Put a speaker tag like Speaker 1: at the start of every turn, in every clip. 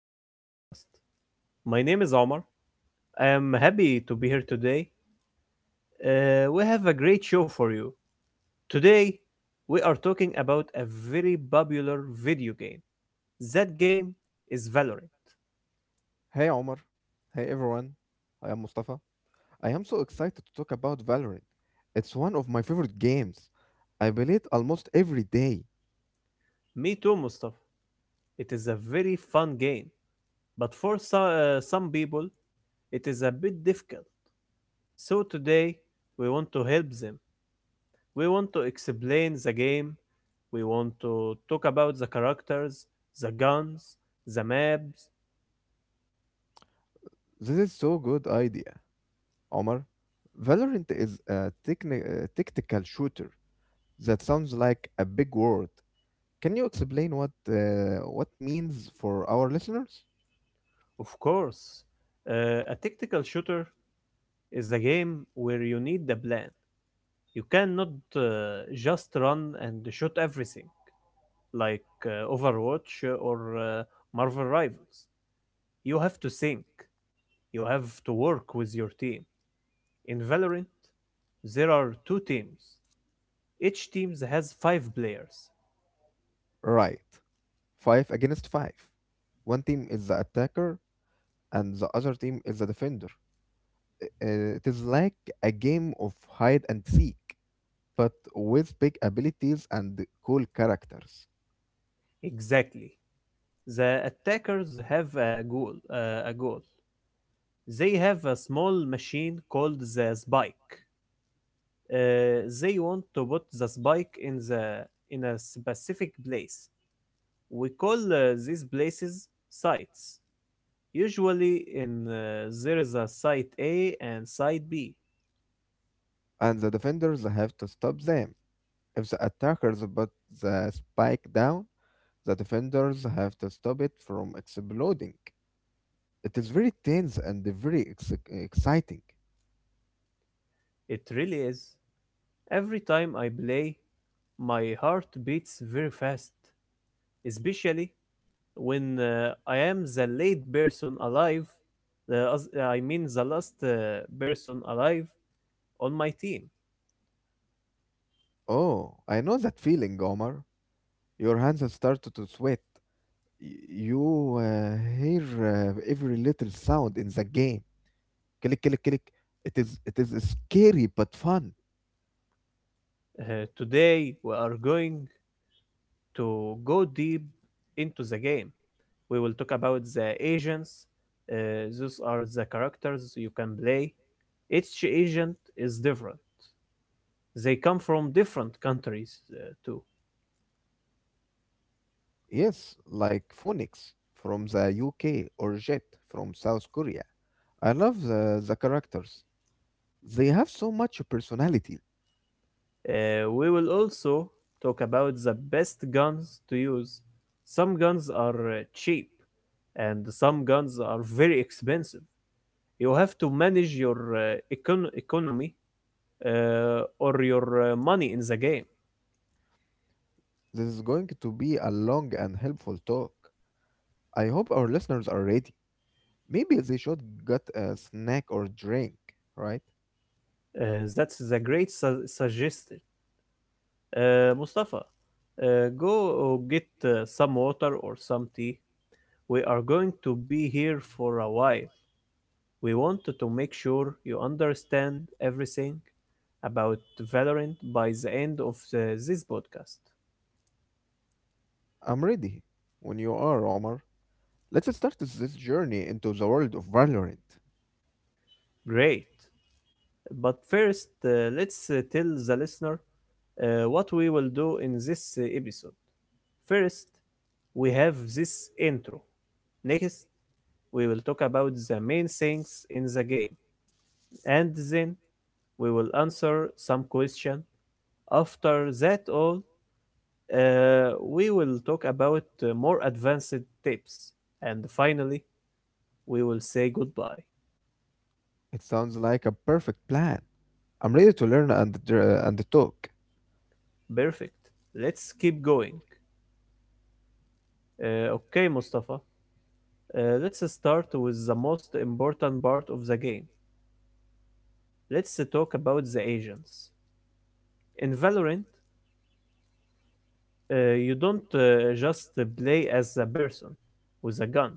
Speaker 1: to our podcast. My name is Omar. I am happy to be here today. We have a great show for you. Today, we are talking about a very popular video game. That game is Valorant.
Speaker 2: Hey Omar. Hey everyone. I am Mustafa. I am so excited to talk about Valorant. It's one of my favorite games. I play it almost every day.
Speaker 1: Me too, Mustafa. It is a very fun game, but for some people, it is a bit difficult. So, today, we want to help them. We want to explain the game, we want to talk about the characters, the guns, the maps,
Speaker 2: This is so good idea, Omar. Valorant is a tactical shooter. That sounds like a big word. Can you explain what means for our listeners?
Speaker 1: of course. A tactical shooter is a game where you need a plan. You cannot just run and shoot everything like Overwatch or Marvel Rivals. You have to think, you have to work with your team. In Valorant, there are two teams. Each team has five players.
Speaker 2: Right. 5 against 5. One team is the attacker and the other team is the defender. It is like a game of hide and seek, but with big abilities and cool characters.
Speaker 1: Exactly. The attackers have a goal. They have a small machine called the spike. They want to put the spike in the in a specific place. We call these places sites. Usually, in there is a site A and site B.
Speaker 2: And the defenders have to stop them. If the attackers put the spike down, the defenders have to stop it from exploding. It is very tense and very exciting.
Speaker 1: It really is. Every time I play, my heart beats very fast, especially when I am the late person alive, the, as- I mean the last person alive on my team.
Speaker 2: Oh, I know that feeling, Omar. Your hands start to sweat. Y- You hear every little sound in the game, click click click. It is it is scary but fun.
Speaker 1: Today we are going to go deep into the game. We will talk about the agents. Those are the characters you can play. Each agent is different. They come from different countries too.
Speaker 2: Yes, like Phoenix from the UK or Jet from South Korea. I love the characters. They have so much personality.
Speaker 1: We will also talk about the best guns to use. Some guns are cheap and some guns are very expensive. You have to manage your economy or your money in the game.
Speaker 2: This is going to be a long and helpful talk. I hope our listeners are ready. Maybe they should get a snack or drink, right?
Speaker 1: Uh, that's a great suggestion. Mustafa, uh, go get some water or some tea. We are going to be here for a while. We wanted to make sure you understand everything about Valorant by the end of this podcast.
Speaker 2: I'm ready when you are, Omar. Let's start this journey into the world of Valorant.
Speaker 1: Great. But first, let's tell the listener what we will do in this episode. First, we have this intro. Next, we will talk about the main things in the game. And then we will answer some questions. After that all, we will talk about more advanced tips. And finally, we will say goodbye.
Speaker 2: It sounds like a perfect plan. I'm ready to learn and and talk.
Speaker 1: Perfect. Let's keep going. Okay, Mustafa. Let's start with the most important part of the game. Let's talk about the agents. In Valorant, you don't just play as a person with a gun.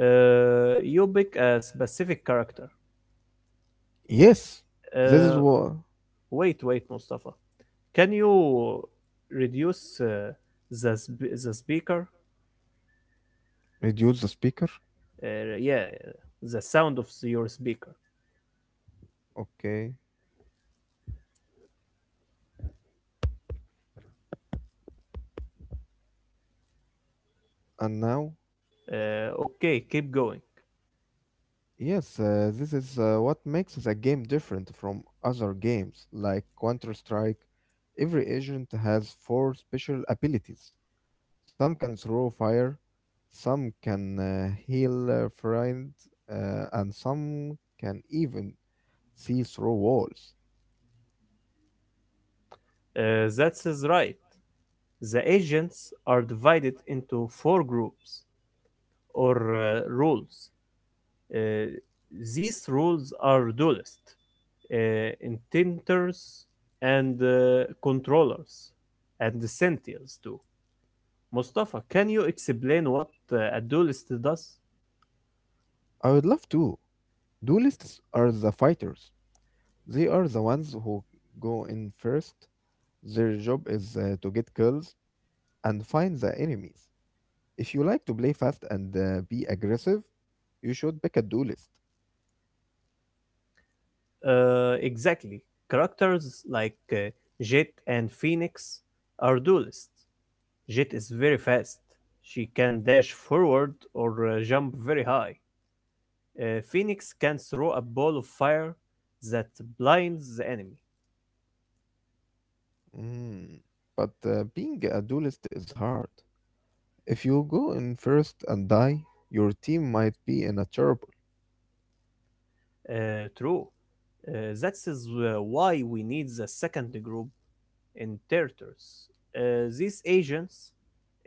Speaker 1: You pick a specific character.
Speaker 2: Yes, this is
Speaker 1: Uh,
Speaker 2: what
Speaker 1: wait, wait, Mustafa. Can you reduce the speaker?
Speaker 2: reduce the speaker.
Speaker 1: Yeah, the sound of your speaker.
Speaker 2: Okay, and now
Speaker 1: Okay, keep going.
Speaker 2: yes, this is what makes the game different from other games like Counter Strike. Every agent has four special abilities. Some can throw fire, some can heal a friend, and some can even see through walls.
Speaker 1: That is right. The agents are divided into four groups or rules. Uh, these rules are dualists, intenters and controllers, and the sentinels too. Mustafa, can you explain what a dualist does?
Speaker 2: I would love to. Duelists are the fighters. They are the ones who go in first. Their job is to get kills and find the enemies. If you like to play fast and be aggressive, you should pick a duelist.
Speaker 1: Exactly. Characters like Jet and Phoenix are duelists. Jet is very fast. She can dash forward or jump very high. Phoenix can throw a ball of fire that blinds the enemy.
Speaker 2: Mm. But being a duelist is hard. If you go in first and die, your team might be in a trouble.
Speaker 1: True. That is why we need the second group in territories. These agents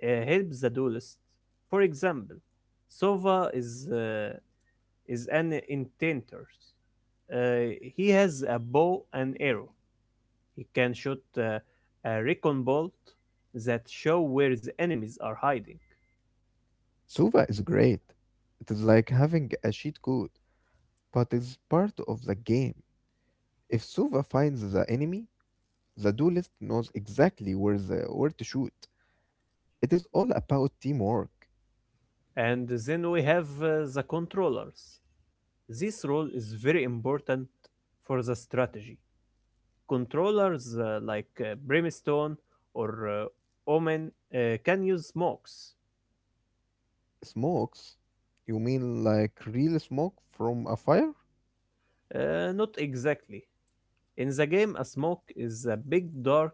Speaker 1: help the duelist. For example, Sova is an intenter. He has a bow and arrow. He can shoot a recon bolt that show where the enemies are hiding.
Speaker 2: Suva is great. It is like having a cheat code, but it's part of the game. If Suva finds the enemy, the duelist knows exactly where to shoot. It is all about teamwork.
Speaker 1: And then we have the controllers. This role is very important for the strategy. Controllers like Brimstone or Omen can use smokes.
Speaker 2: Smokes? You mean like real smoke from a fire?
Speaker 1: Not exactly. In the game, a smoke is a big dark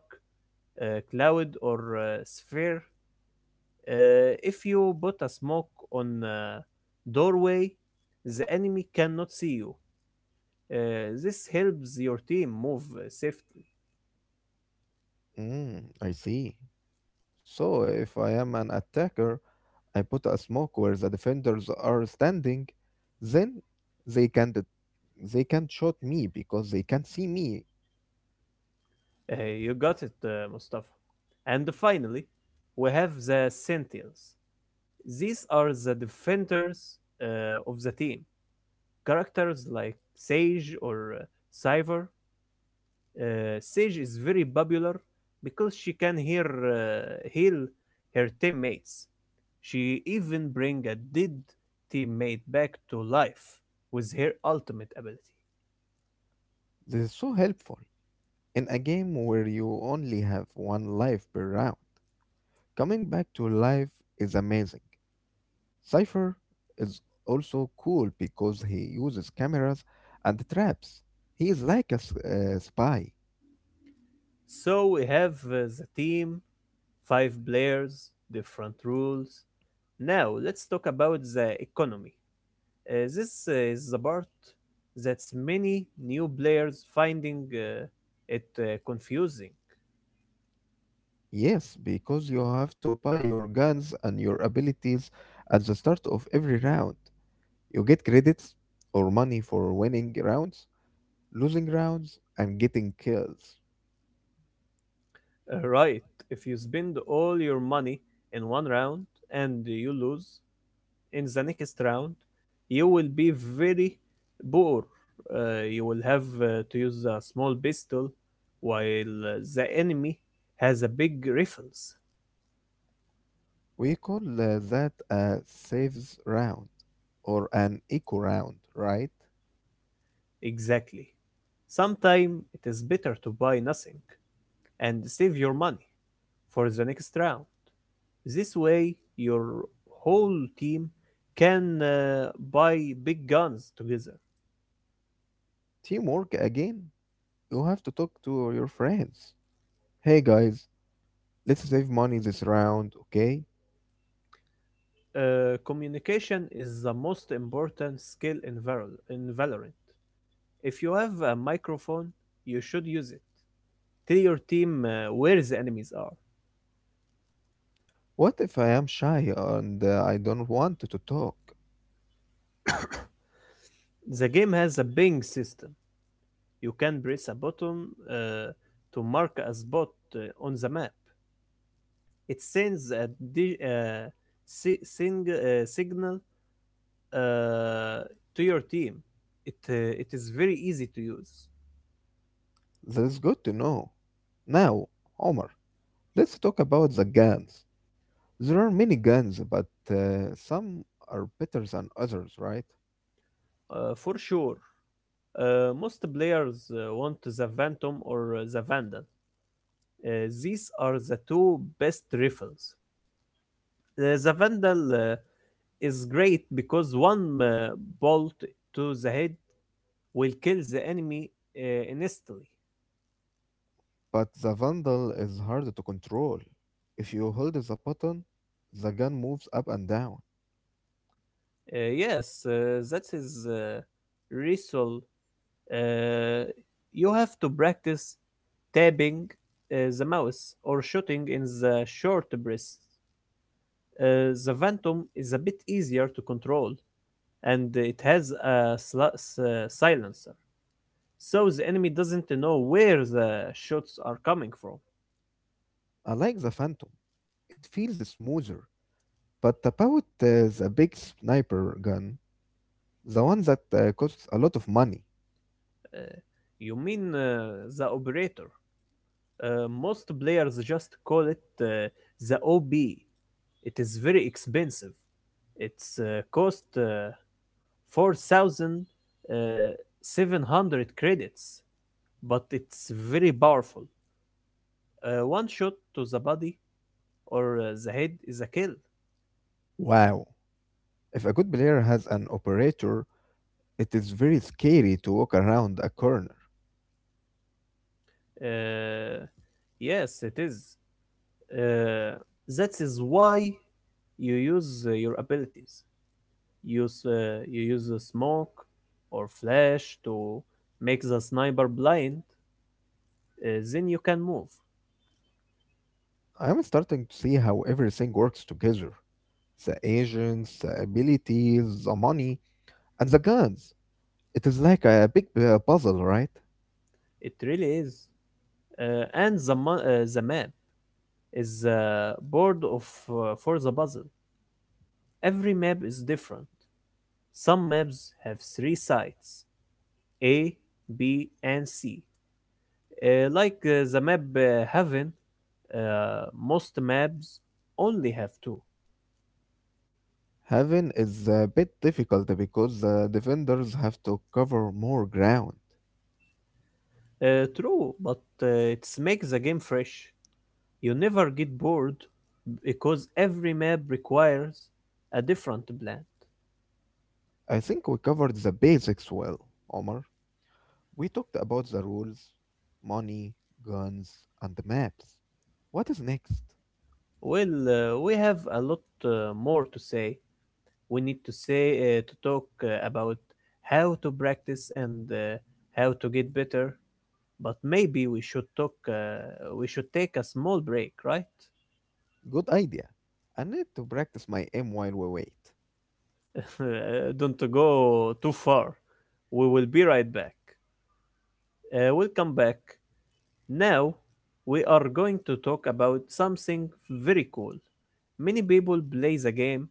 Speaker 1: cloud or sphere. If you put a smoke on a doorway, the enemy cannot see you. This helps your team move safely.
Speaker 2: Mm, I see. So if I am an attacker, I put a smoke where the defenders are standing, then they can not they can't shoot me because they can't see me.
Speaker 1: You got it, Mustafa. And finally, we have the Sentinels. These are the defenders of the team. Characters like Sage or Cypher. Sage is very popular because she can hear heal her teammates. She even bring a dead teammate back to life with her ultimate ability.
Speaker 2: This is so helpful in a game where you only have one life per round. Coming back to life is amazing. Cypher is also cool because he uses cameras and traps. He is like a spy.
Speaker 1: So we have the team, five players, different rules. Now let's talk about the economy. This is the part that's many new players finding it confusing.
Speaker 2: Yes, because you have to buy your guns and your abilities at the start of every round. You get credits or money for winning rounds, losing rounds, and getting kills.
Speaker 1: Right, if you spend all your money in one round and you lose in the next round, you will be very poor. You will have to use a small pistol while the enemy has a big rifles.
Speaker 2: We call that a saves round or an eco round, right?
Speaker 1: Exactly. Sometimes it is better to buy nothing and save your money for the next round. This way, your whole team can buy big guns together.
Speaker 2: Teamwork again. You have to talk to your friends. Hey guys, let's save money this round, okay?
Speaker 1: Communication is the most important skill in, in Valorant. If you have a microphone, you should use it. Tell your team where the enemies are.
Speaker 2: What if I am shy and I don't want to talk?
Speaker 1: The game has a ping system. You can press a button to mark a spot uh, on the map. It sends a signal uh, to your team. It uh, it is very easy to use.
Speaker 2: That's good to know. Now, Omar, let's talk about the guns. There are many guns, but some are better than others, right?
Speaker 1: For sure. Most players want the Phantom or the Vandal. These are the two best rifles. The Vandal is great because one bolt to the head will kill the enemy uh, instantly.
Speaker 2: But the Vandal is hard to control. If you hold the button, the gun moves up and down.
Speaker 1: Yes, that is ritual. Uh, you have to practice tapping the mouse or shooting in the short breaths. The Phantom is a bit easier to control and it has a silencer, so the enemy doesn't know where the shots are coming from.
Speaker 2: I like the Phantom. It feels smoother. But about the big sniper gun, the one that costs a lot of money.
Speaker 1: Uh, you mean the operator? Most players just call it the OB. It is very expensive. It's cost 4,700 credits, but it's very powerful. One shot to the body or the head is a kill.
Speaker 2: Wow. If a good player has an operator, it is very scary to walk around a corner.
Speaker 1: Uh, yes, it is. Uh, that is why you use your abilities. Use you use the smoke or flash to make the sniper blind, then you can move.
Speaker 2: I am starting to see how everything works together. The agents, the abilities, the money, and the guns. It is like a big puzzle, right?
Speaker 1: It really is, and the map is the board of for the puzzle. Every map is different. Some maps have three sides, A, B and C, like the map heaven. Most maps only have two.
Speaker 2: Heaven is a bit difficult because the defenders have to cover more ground.
Speaker 1: True, but uh, it's make the game fresh. You never get bored because every map requires a different plan.
Speaker 2: I think we covered the basics well, Omar. We talked about the rules, money, guns, and the maps. What is next?
Speaker 1: Well, we have a lot more to say. We need to say to talk about how to practice and how to get better. But maybe we should talk. We should take a small break, right?
Speaker 2: Good idea. I need to practice my aim while we wait.
Speaker 1: Don't go too far. We will be right back. We'll come back. Now, we are going to talk about something very cool. Many people play the game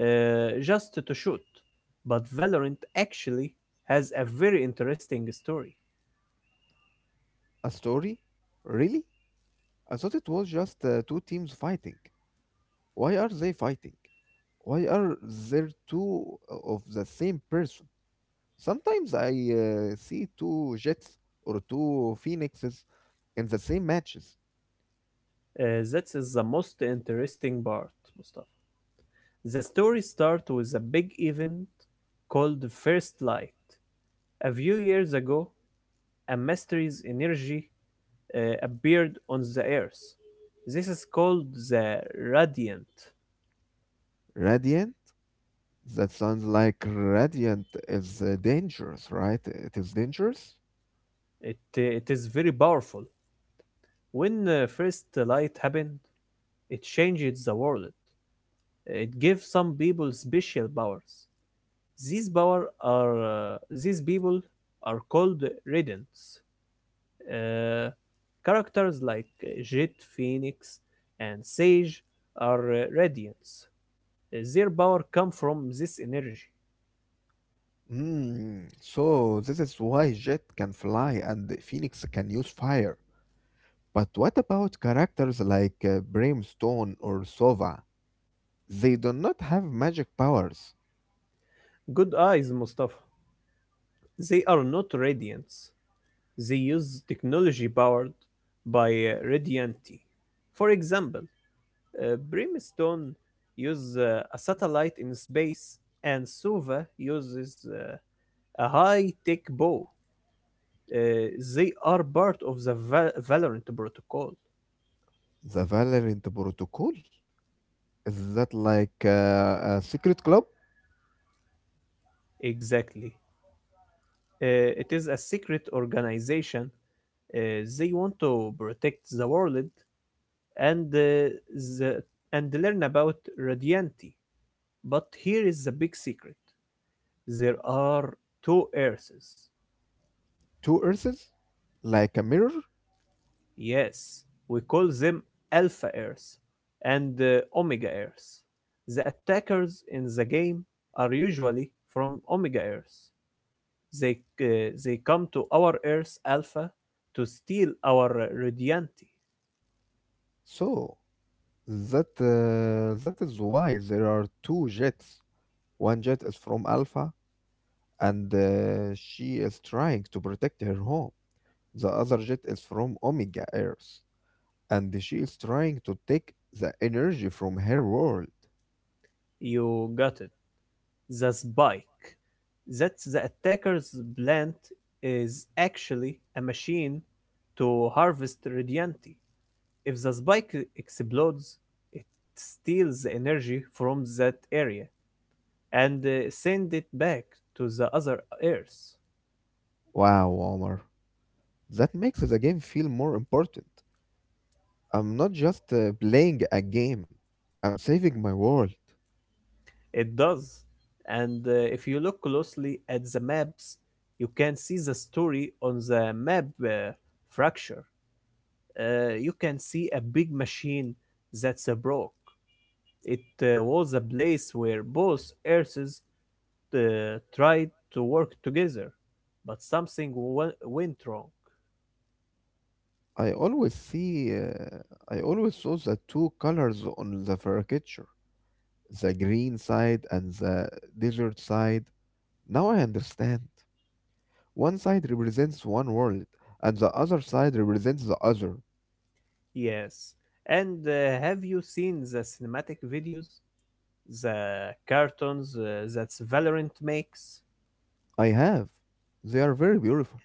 Speaker 1: just to shoot, but Valorant actually has a very interesting story.
Speaker 2: A story? Really? I thought it was just two teams fighting. Why are they fighting? Why are there two of the same person? Sometimes I see two jets or two phoenixes in the same matches.
Speaker 1: That is the most interesting part, Mustafa. The story starts with a big event called First Light. A few years ago, a mysterious energy appeared on the Earth. This is called the Radiant.
Speaker 2: Radiant. That sounds like Radiant is dangerous, right? It is dangerous?
Speaker 1: It is very powerful. When first light happened, it changed the world. It gave some people special powers. These people are called radiants. Uh, characters like Jet, Phoenix and Sage are radiants. Their power come from this energy.
Speaker 2: Mm, so this is why Jet can fly and Phoenix can use fire. But what about characters like Brimstone or Sova? They do not have magic powers.
Speaker 1: Good eyes, Mustafa. They are not radiants. They use technology powered by Radianti. For example, Brimstone uses a satellite in space, and Suva uses a high-tech bow. Uh, they are part of the Valorant protocol.
Speaker 2: The Valorant Protocol? Is that like a secret club?
Speaker 1: Exactly. Uh, it is a secret organization. They want to protect the world and and learn about Radianti. But here is the big secret. There are two Earths.
Speaker 2: Two Earths? Like a mirror?
Speaker 1: Yes, we call them Alpha Earth and Omega Earth. The attackers in the game are usually from Omega Earth. They come to our Earth Alpha to steal our Radiante.
Speaker 2: So, that that is why there are two jets. One jet is from Alpha, and she is trying to protect her home. The other jet is from Omega Earth, and she is trying to take the energy from her world.
Speaker 1: You got it. The spike, that's the attacker's plant, is actually a machine to harvest Radiante. If the spike explodes, it steals the energy from that area and send it back to the other Earth.
Speaker 2: Wow, Omar, that makes the game feel more important. I'm not just playing a game. I'm saving my world.
Speaker 1: It does. And if you look closely at the maps, you can see the story on the map fracture. You can see a big machine that's a broke. It was a place where both Earths tried to work together, but something went wrong.
Speaker 2: I always see, I always saw the two colors on the caricature, the green side and the desert side. Now I understand. One side represents one world, and the other side represents the other.
Speaker 1: Yes. And have you seen the cinematic videos, the cartoons that Valorant makes?
Speaker 2: I have. They are very beautiful.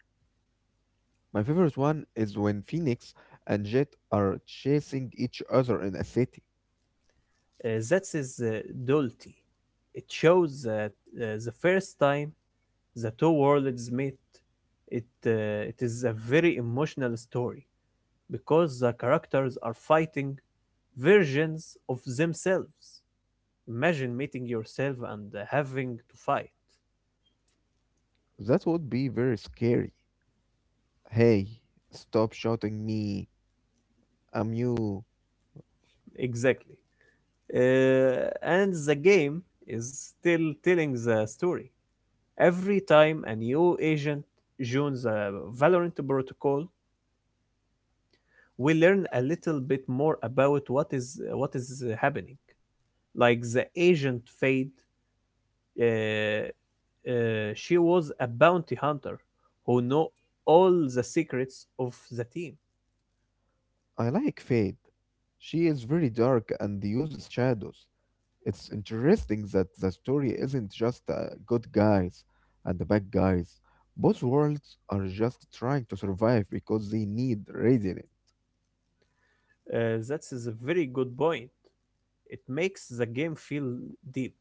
Speaker 2: My favorite one is when Phoenix and Jet are chasing each other in a city.
Speaker 1: That is Dolty. It shows that the first time the two worlds meet. It is a very emotional story, because the characters are fighting versions of themselves. Imagine meeting yourself and having to fight.
Speaker 2: That would be very scary. Hey, stop shouting me. I'm you.
Speaker 1: Exactly. And the game is still telling the story. Every time a new agent joins the Valorant protocol, we learn a little bit more about what is happening. Like the agent Fade, uh, she was a bounty hunter who knew all the secrets of the team.
Speaker 2: I like Fade. She is very dark and uses shadows. It's interesting that the story isn't just good guys and the bad guys. Both worlds are just trying to survive because they need radiant.
Speaker 1: That is a very good point. It makes the game feel deep.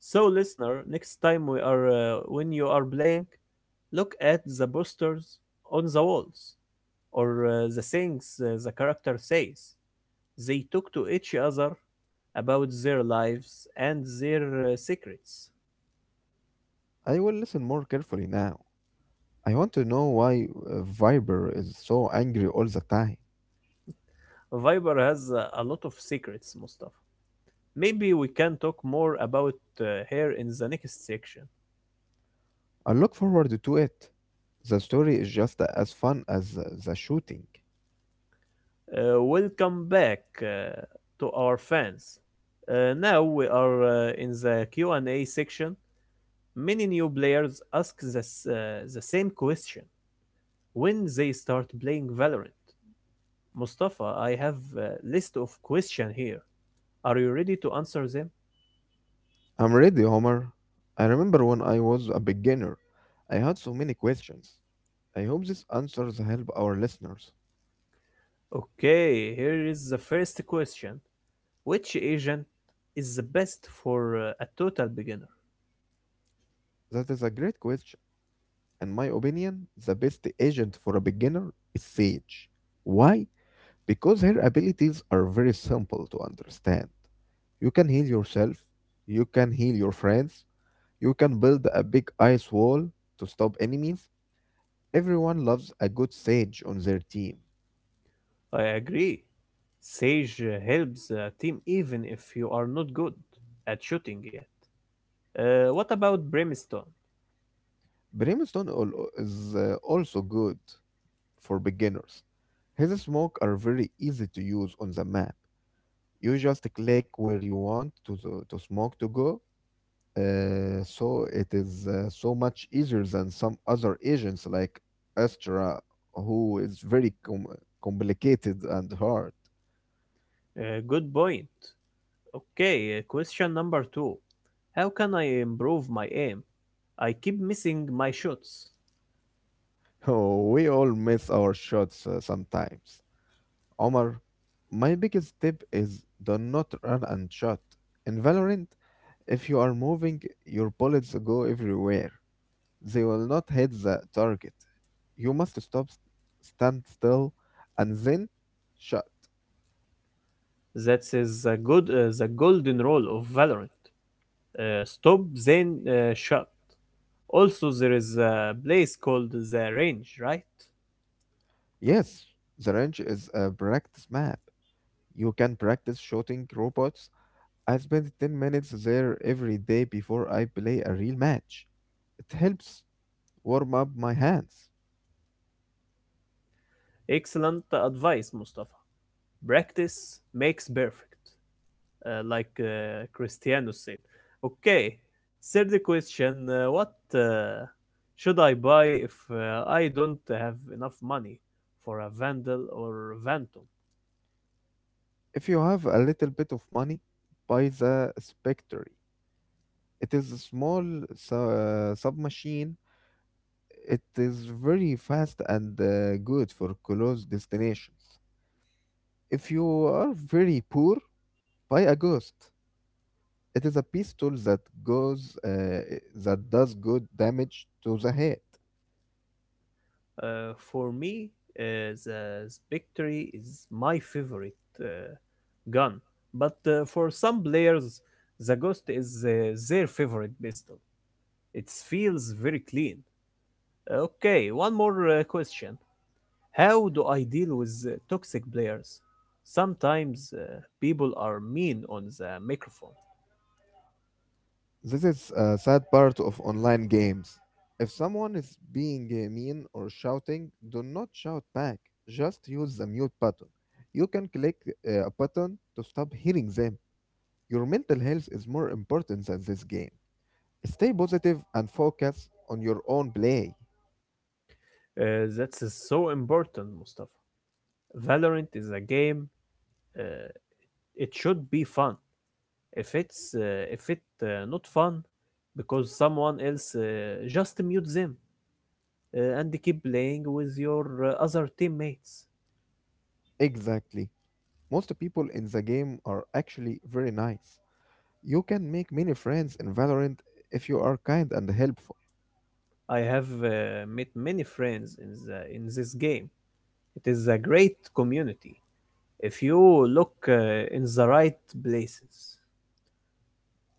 Speaker 1: So, listener, next time we are when you are playing, look at the posters on the walls, or the things the character says. They talk to each other about their lives and their secrets.
Speaker 2: I will listen more carefully now. I want to know why Viper is so angry all the time.
Speaker 1: Viper has a lot of secrets, Mustafa. Maybe we can talk more about her in the next section.
Speaker 2: I look forward to it. The story is just as fun as the shooting.
Speaker 1: Welcome back to our fans. Now we are in the Q&A section. Many new players ask the same question when they start playing Valorant. Mustafa, I have a list of questions here. Are you ready to answer them?
Speaker 2: I'm ready, Homer. I remember when I was a beginner, I had so many questions. I hope this answers help our listeners.
Speaker 1: Okay, here is the first question. Which agent is the best for a total beginner?
Speaker 2: That is a great question. In my opinion, the best agent for a beginner is Sage. Why? Because her abilities are very simple to understand. You can heal yourself, you can heal your friends, you can build a big ice wall to stop enemies. Everyone loves a good Sage on their team.
Speaker 1: I agree. Sage helps a team even if you are not good at shooting yet. What about Brimstone?
Speaker 2: Brimstone is also good for beginners. His smoke are very easy to use on the map. You just click where you want to smoke to go. So it is so much easier than some other agents like Astra, who is very complicated and hard.
Speaker 1: Good point. Okay, question number two. How can I improve my aim? I keep missing my shots.
Speaker 2: Oh, we all miss our shots sometimes. Omar, my biggest tip is do not run and shot. In Valorant, if you are moving, your bullets go everywhere. They will not hit the target. You must stop, stand still, and then shot.
Speaker 1: That is the golden rule of Valorant. Stop then shot. Also, there is a place called the range, right?
Speaker 2: Yes, the range is a practice map. You can practice shooting robots. I spend 10 minutes there every day before I play a real match. It helps warm up my hands.
Speaker 1: Excellent advice, Mustafa. Practice makes perfect, like Cristiano said. Okay, third question: what should I buy if I don't have enough money for a Vandal or Phantom?
Speaker 2: If you have a little bit of money, buy the Spectre. It is a small submachine. It is very fast and good for close destinations. If you are very poor, buy a Ghost. It is a pistol that goes uh, that does good damage to the head.
Speaker 1: For me, the Spectre is my favorite gun, but for some players, the Ghost is their favorite pistol. It feels very clean. Okay, one more question. How do I deal with toxic players? Sometimes people are mean on the microphone.
Speaker 2: This is a sad part of online games. If someone is being mean or shouting, do not shout back. Just use the mute button. You can click a button to stop hearing them. Your mental health is more important than this game. Stay positive and focus on your own play.
Speaker 1: That's so important, Mustafa. Valorant is a game. Uh, it should be fun. If it not fun, because someone else, just mute them and keep playing with your other teammates.
Speaker 2: Exactly. Most people in the game are actually very nice. You can make many friends in Valorant if you are kind and helpful.
Speaker 1: I have met many friends in the in this game. It is a great community if you look in the right places.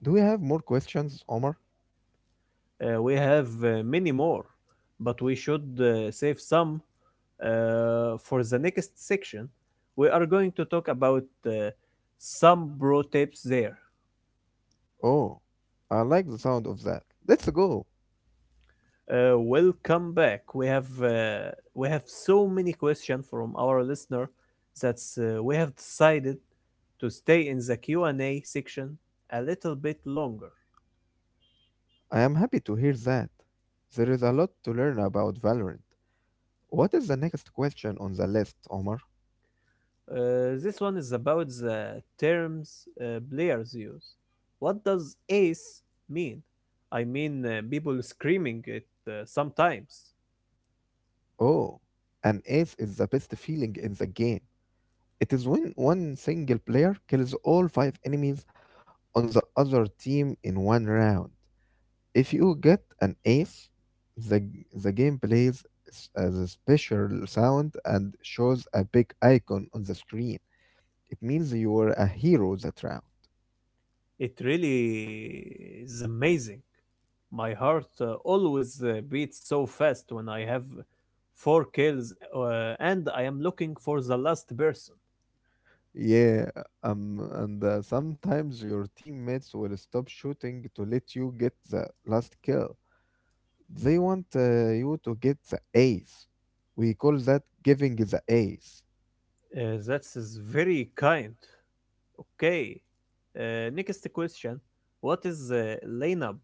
Speaker 2: Do we have more questions, Omar?
Speaker 1: Uh, we have many more, but we should save some for the next section. We are going to talk about some pro tips there.
Speaker 2: Oh, I like the sound of that. Let's go.
Speaker 1: Welcome back. We have so many questions from our listener that we have decided to stay in the Q&A section a little bit longer.
Speaker 2: I am happy to hear that. There is a lot to learn about Valorant. What is the next question on the list, Omar?
Speaker 1: This one is about the terms players use. What does ace mean? I mean, people screaming it sometimes.
Speaker 2: Oh, an ace is the best feeling in the game. It is when one single player kills all five enemies on the other team in one round. If you get an ace, the, the game plays as a special sound and shows a big icon on the screen. It means you were a hero that round.
Speaker 1: It really is amazing. My heart always beats so fast when I have four kills and I am looking for the last person.
Speaker 2: Yeah, and sometimes your teammates will stop shooting to let you get the last kill. They want you to get the ace. We call that giving the ace.
Speaker 1: That is very kind. Okay. Next question. What is lineup?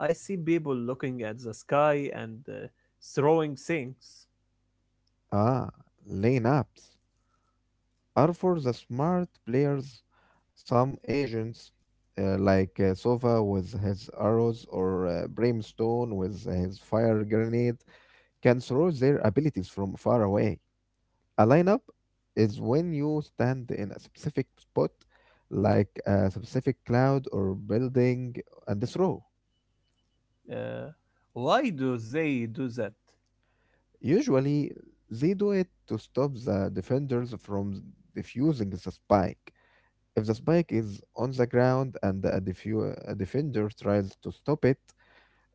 Speaker 1: I see people looking at the sky and throwing things.
Speaker 2: Ah, lane ups are for the smart players. Some agents, like Sova with his arrows or Brimstone with his fire grenade, can throw their abilities from far away. A lineup is when you stand in a specific spot, like a specific cloud or building, and throw.
Speaker 1: Uh, why do they do that?
Speaker 2: Usually, they do it to stop the defenders from defusing the spike. If the spike is on the ground and a defender tries to stop it,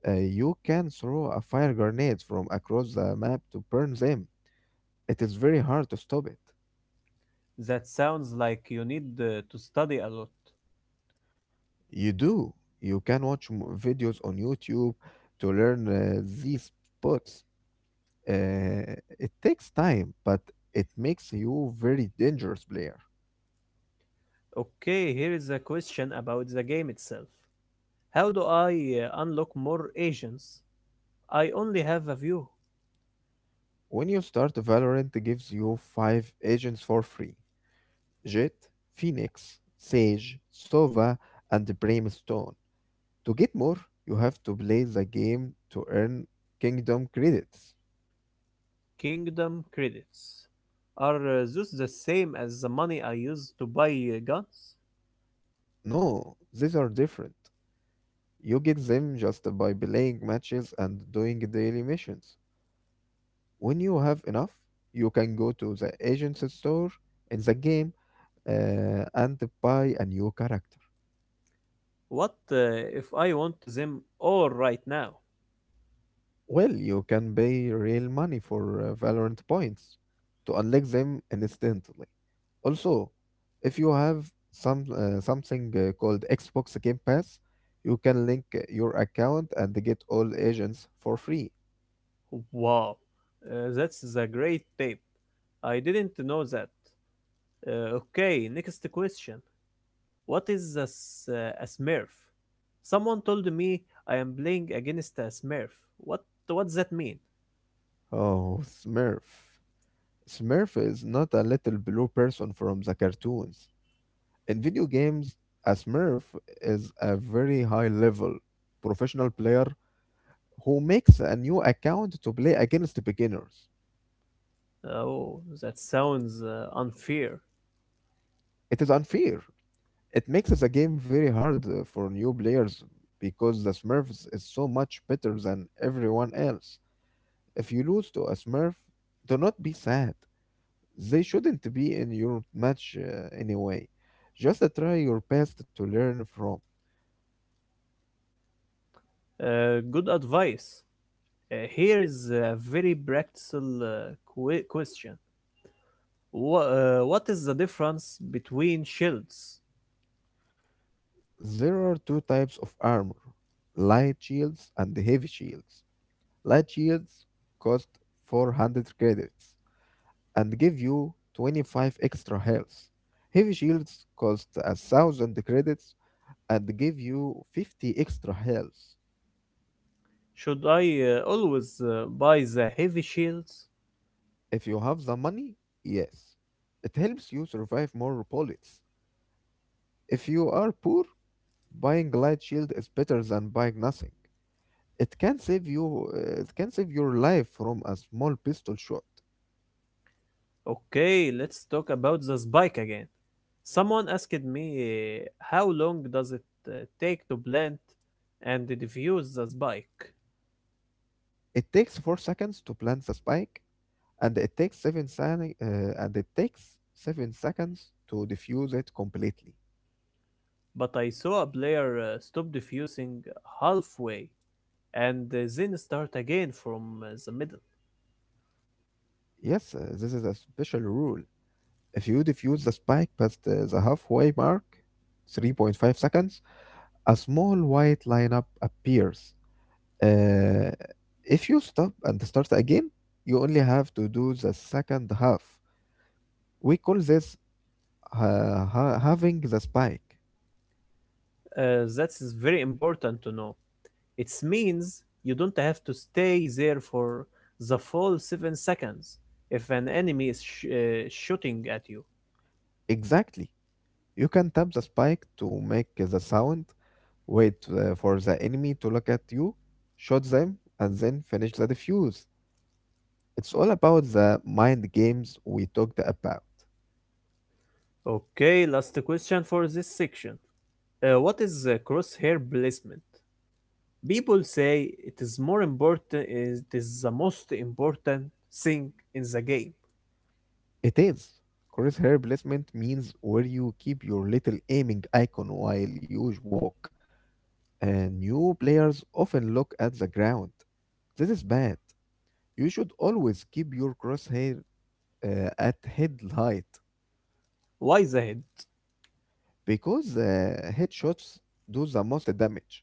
Speaker 2: you can throw a fire grenade from across the map to burn them. It is very hard to stop it.
Speaker 1: That sounds like you need to study a lot.
Speaker 2: You do. You can watch videos on YouTube to learn these spots. It takes time, but it makes you very dangerous player.
Speaker 1: Okay, here is a question about the game itself. How do I unlock more agents? I only have a few.
Speaker 2: When you start Valorant, it gives you five agents for free: Jet, Phoenix, Sage, Sova, and Brimstone. To get more, you have to play the game to earn kingdom credits.
Speaker 1: Kingdom credits. Are those the same as the money I use to buy guns?
Speaker 2: No, these are different. You get them just by playing matches and doing daily missions. When you have enough, you can go to the agent's store in the game and buy a new character.
Speaker 1: What if I want them all right now?
Speaker 2: Well, you can pay real money for Valorant points to unlock them instantly. Also, if you have something called Xbox Game Pass, you can link your account and get all agents for free.
Speaker 1: Wow, that's a great tip. I didn't know that. Okay, next question. What is a smurf? Someone told me I am playing against a smurf. What what does that mean?
Speaker 2: Oh, Smurf. Smurf is not a little blue person from the cartoons. In video games, a Smurf is a very high level professional player who makes a new account to play against beginners.
Speaker 1: Oh, that sounds unfair.
Speaker 2: It is unfair. It makes the game very hard for new players because the Smurfs is so much better than everyone else. If you lose to a Smurf, do not be sad. They shouldn't be in your match anyway. Just try your best to learn from.
Speaker 1: Good advice. Here is a very practical question. What is the difference between shields?
Speaker 2: There are two types of armor: light shields and heavy shields. Light shields cost 400 credits and give you 25 extra health. Heavy shields cost a thousand credits and give you 50 extra health.
Speaker 1: Should I always buy the heavy shields?
Speaker 2: If you have the money, yes. It helps you survive more bullets. If you are poor, buying light shield is better than buying nothing. It can save you it can save your life from a small pistol shot.
Speaker 1: Okay, let's talk about the spike again. Someone asked me how long does it uh, take to plant and defuse the spike,
Speaker 2: It takes 4 seconds to plant the spike, and it takes 7 seconds to defuse it completely.
Speaker 1: but I saw a player stop defusing halfway and then start again from the middle.
Speaker 2: Yes, this is a special rule. If you defuse the spike past the halfway mark, 3.5 seconds, a small white lineup appears. Uh, if you stop and start again, you only have to do the second half. We call this having the spike.
Speaker 1: That is very important to know. It means you don't have to stay there for the full 7 seconds if an enemy is shooting at you.
Speaker 2: Exactly. You can tap the spike to make the sound, wait for the enemy to look at you, shoot them, and then finish the defuse. It's all about the mind games we talked about.
Speaker 1: Okay, last question for this section. What is the crosshair placement? People say it is the most important thing in the game.
Speaker 2: It is. Crosshair placement means where you keep your little aiming icon while you walk, and new players often look at the ground. This is bad. You should always keep your crosshair at head height
Speaker 1: Why the head?
Speaker 2: because headshots do the most damage.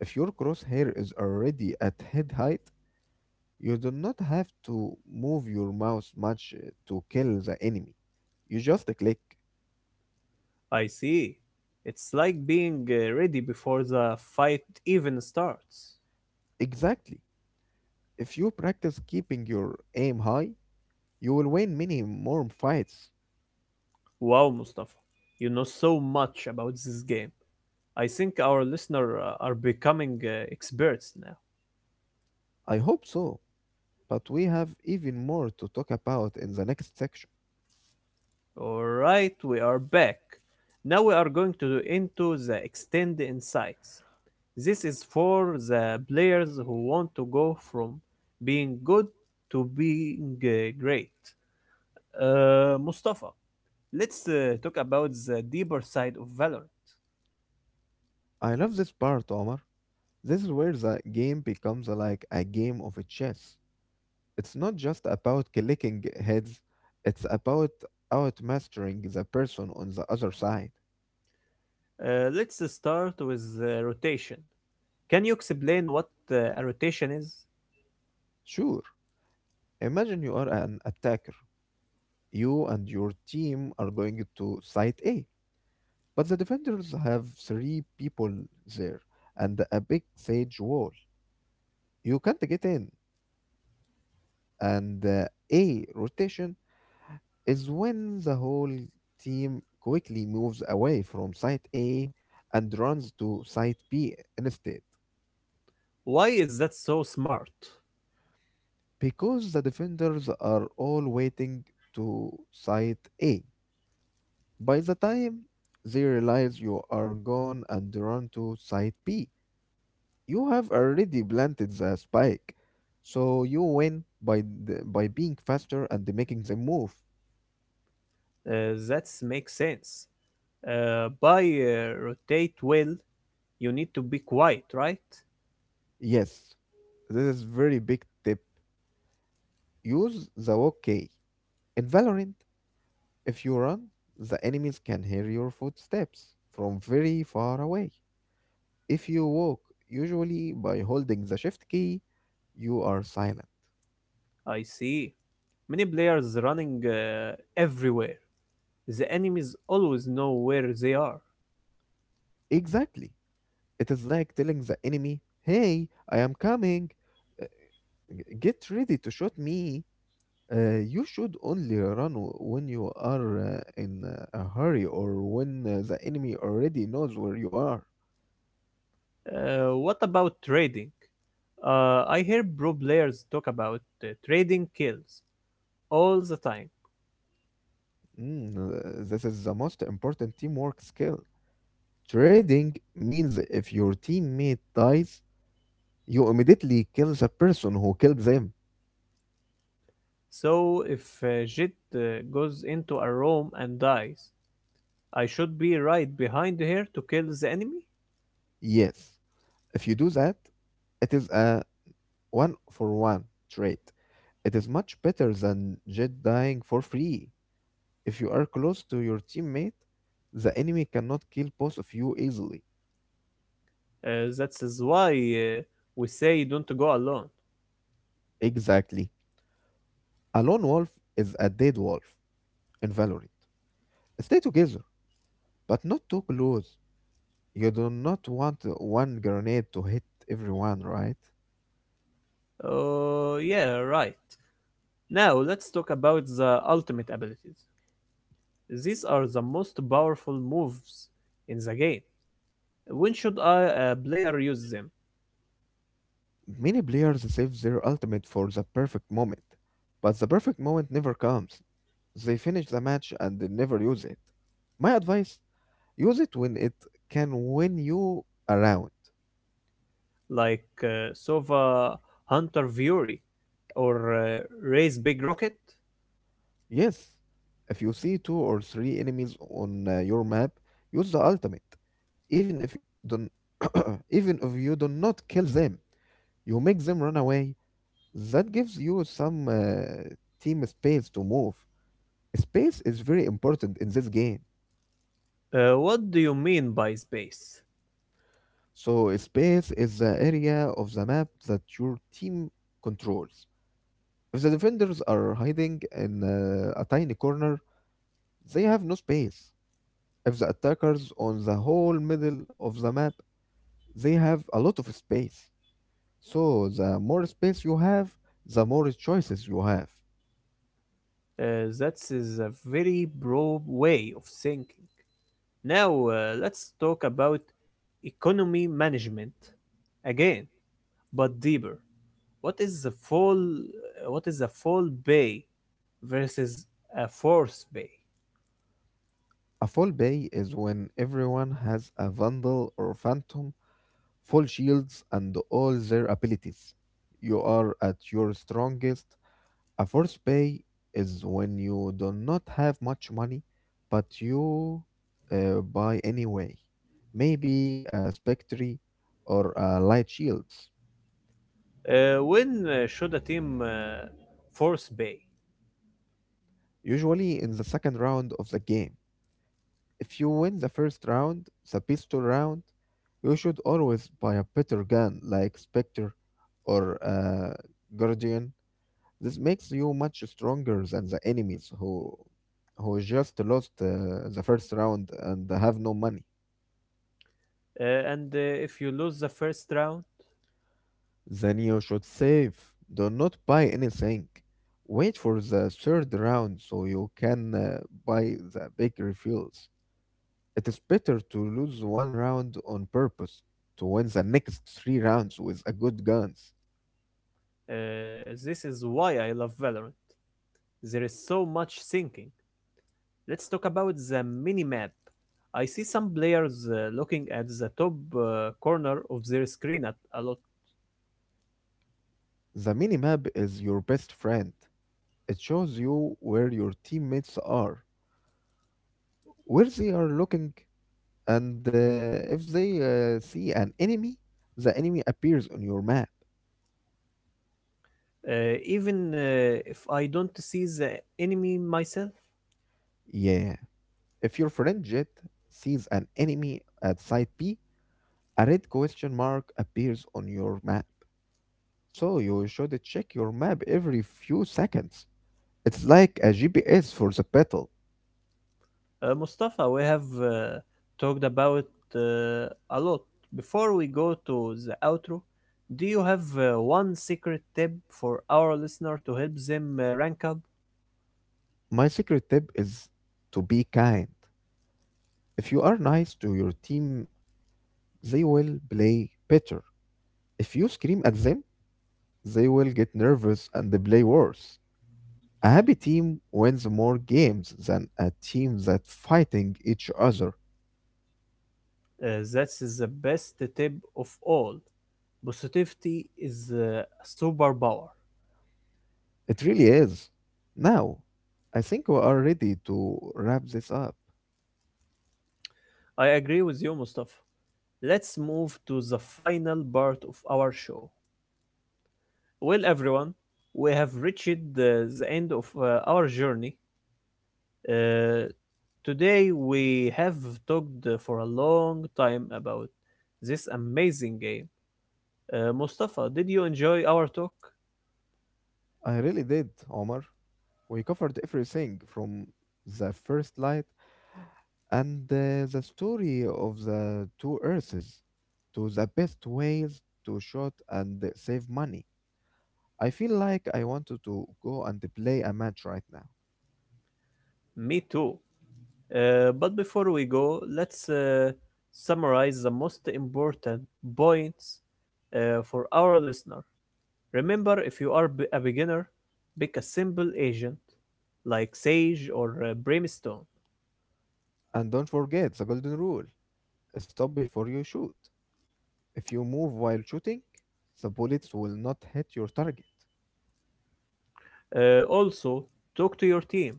Speaker 2: If your crosshair is already at head height, you do not have to move your mouse much to kill the enemy. You just click.
Speaker 1: I see. It's like being ready before the fight even starts.
Speaker 2: Exactly. If you practice keeping your aim high, you will win many more fights.
Speaker 1: Wow, Mustafa. You know so much about this game. I think our listener are becoming experts now.
Speaker 2: I hope so, but we have even more to talk about in the next section.
Speaker 1: All right, we are back. Now we are going to into the extend insights. This is for the players who want to go from being good to being great. Mustafa, let's talk about the deeper side of Valorant.
Speaker 2: I love this part, Omar. This is where the game becomes like a game of chess. It's not just about clicking heads, it's about outmastering the person on the other side.
Speaker 1: Let's start with rotation. Can you explain what a rotation is?
Speaker 2: Sure, imagine you are an attacker. You and your team are going to site A, but the defenders have three people there and a big sage wall. You can't get in. And a rotation is when the whole team quickly moves away from site A and runs to site B instead,
Speaker 1: Why is that so smart?
Speaker 2: because the defenders are all waiting to site A. By the time they realize you are gone and run to site B, you have already planted the spike. So you win by being faster and making the move.
Speaker 1: That makes sense. By rotate well, you need to be quiet, right?
Speaker 2: Yes, this is very big tip. Use the OK. In Valorant, if you run, the enemies can hear your footsteps from very far away. If you walk, usually by holding the shift key, you are silent.
Speaker 1: I see. Many players running everywhere. The enemies always know where they are.
Speaker 2: Exactly. It is like telling the enemy, "Hey, I am coming. Uh, Get ready to shoot me." You should only run when you are in a hurry or when the enemy already knows where you are.
Speaker 1: What about trading? I hear pro players talk about trading kills all the time.
Speaker 2: Mm, uh, this is the most important teamwork skill. Trading means if your teammate dies, you immediately kill the person who killed them.
Speaker 1: So if Jit goes into a room and dies, I should be right behind her to kill the enemy?
Speaker 2: Yes, if you do that, it is a one for one trade. It is much better than just dying for free. If you are close to your teammate, the enemy cannot kill both of you easily.
Speaker 1: That is why we say don't go alone.
Speaker 2: Exactly. A lone wolf is a dead wolf in Valorant. Stay together, but not too close. You do not want one grenade to hit everyone, right?
Speaker 1: Oh, yeah, right. Now let's talk about the ultimate abilities. These are the most powerful moves in the game. When should a player use them?
Speaker 2: Many players save their ultimate for the perfect moment, but the perfect moment never comes. They finish the match and they never use it. My advice: use it when it can win you a round.
Speaker 1: Like Sova Hunter Fury or Raise Big Rocket?
Speaker 2: Yes, if you see two or three enemies on your map, use the ultimate. Even if you don't, even if you do not kill them, you make them run away. That gives you some team space to move. Space is very important in this game.
Speaker 1: What do you mean by space?
Speaker 2: So space is the area of the map that your team controls. If the defenders are hiding in a tiny corner, they have no space. If the attackers on the whole middle of the map, they have a lot of space. So the more space you have, the more choices you have.
Speaker 1: That is a very broad way of thinking. Now let's talk about economy management again, but deeper. What is the full what is a full bay versus a force bay?
Speaker 2: A full bay is when everyone has a Vandal or Phantom, full shields, and all their abilities. You are at your strongest. A force bay is when you do not have much money, but you buy anyway. Maybe a Spectre or a Light Shields,
Speaker 1: When should a team force bay?
Speaker 2: usually in the second round of the game. If you win the first round, the pistol round, you should always buy a better gun like Spectre or Guardian. This makes you much stronger than the enemies who just lost the first round and have no money.
Speaker 1: And if you lose the first round,
Speaker 2: Then you should save. Do not buy anything. Wait for the third round so you can buy the big refills. It is better to lose one round on purpose to win the next three rounds with a good guns.
Speaker 1: uh, this is why I love Valorant. There is so much thinking. Let's talk about the minimap. I see some players looking at the top corner of their screen at a lot,
Speaker 2: The minimap is your best friend. It shows you where your teammates are, where they are looking, and if they see an enemy, the enemy appears on your map.
Speaker 1: even if I don't see the enemy myself.
Speaker 2: Yeah. If your friend Jet sees an enemy at site B, a red question mark appears on your map. So you should check your map every few seconds. It's like a GPS for the battle.
Speaker 1: Mustafa, we have talked about a lot. Before we go to the outro, do you have one secret tip for our listener to help them rank up?
Speaker 2: My secret tip is to be kind. If you are nice to your team, they will play better. If you scream at them, they will get nervous and they play worse. A happy team wins more games than a team that fighting each other.
Speaker 1: That's the best tip of all. Positivity is a superpower.
Speaker 2: It really is. Now, I think we are ready to wrap this up.
Speaker 1: I agree with you, Mustafa. Let's move to the final part of our show. Well, everyone, we have reached the end of our journey. Uh, today, we have talked for a long time about this amazing game. Mustafa, did you enjoy our talk?
Speaker 2: I really did, Omar. We covered everything from the first light and the story of the two Earths to the best ways to shoot and save money. I feel like I wanted to go and play a match right now.
Speaker 1: Me too. But before we go, let's summarize the most important points for our listener. Remember if you are a beginner, pick a simple agent like Sage or Brimstone.
Speaker 2: And don't forget the golden rule: stop before you shoot. If you move while shooting, the bullets will not hit your target.
Speaker 1: Also, talk to your team.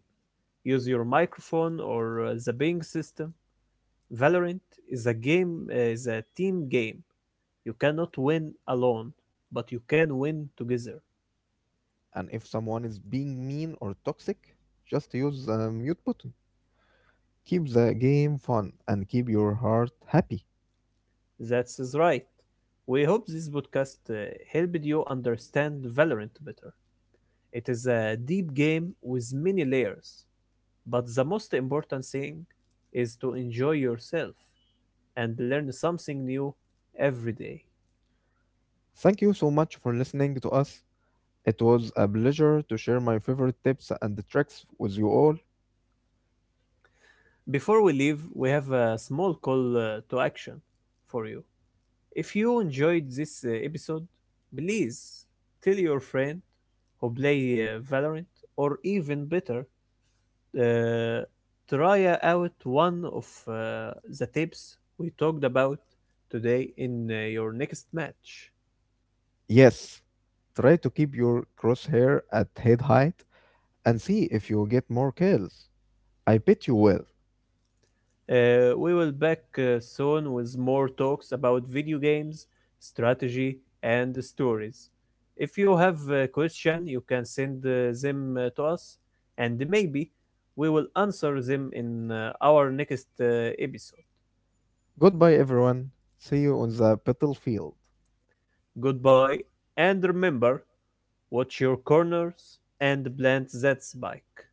Speaker 1: Use your microphone or the ping system. Valorant is a team game. You cannot win alone, but you can win together.
Speaker 2: And if someone is being mean or toxic, just use the mute button. Keep the game fun, and keep your heart happy.
Speaker 1: That's is right. We hope this podcast helped you understand Valorant better. It is a deep game with many layers. But the most important thing is to enjoy yourself and learn something new every day.
Speaker 2: Thank you so much for listening to us. It was a pleasure to share my favorite tips and tricks with you all.
Speaker 1: Before we leave, we have a small call to action for you. If you enjoyed this episode, please tell your friend who play Valorant or even better, uh, try out one of the tips we talked about today in your next match.
Speaker 2: Yes, try to keep your crosshair at head height and see if you get more kills. I bet you will.
Speaker 1: We will back soon with more talks about video games, strategy, and stories. If you have a question, you can send them to us, and maybe we will answer them in our next episode.
Speaker 2: Goodbye, everyone. See you on the battlefield.
Speaker 1: Goodbye, and remember, watch your corners and plant that spike.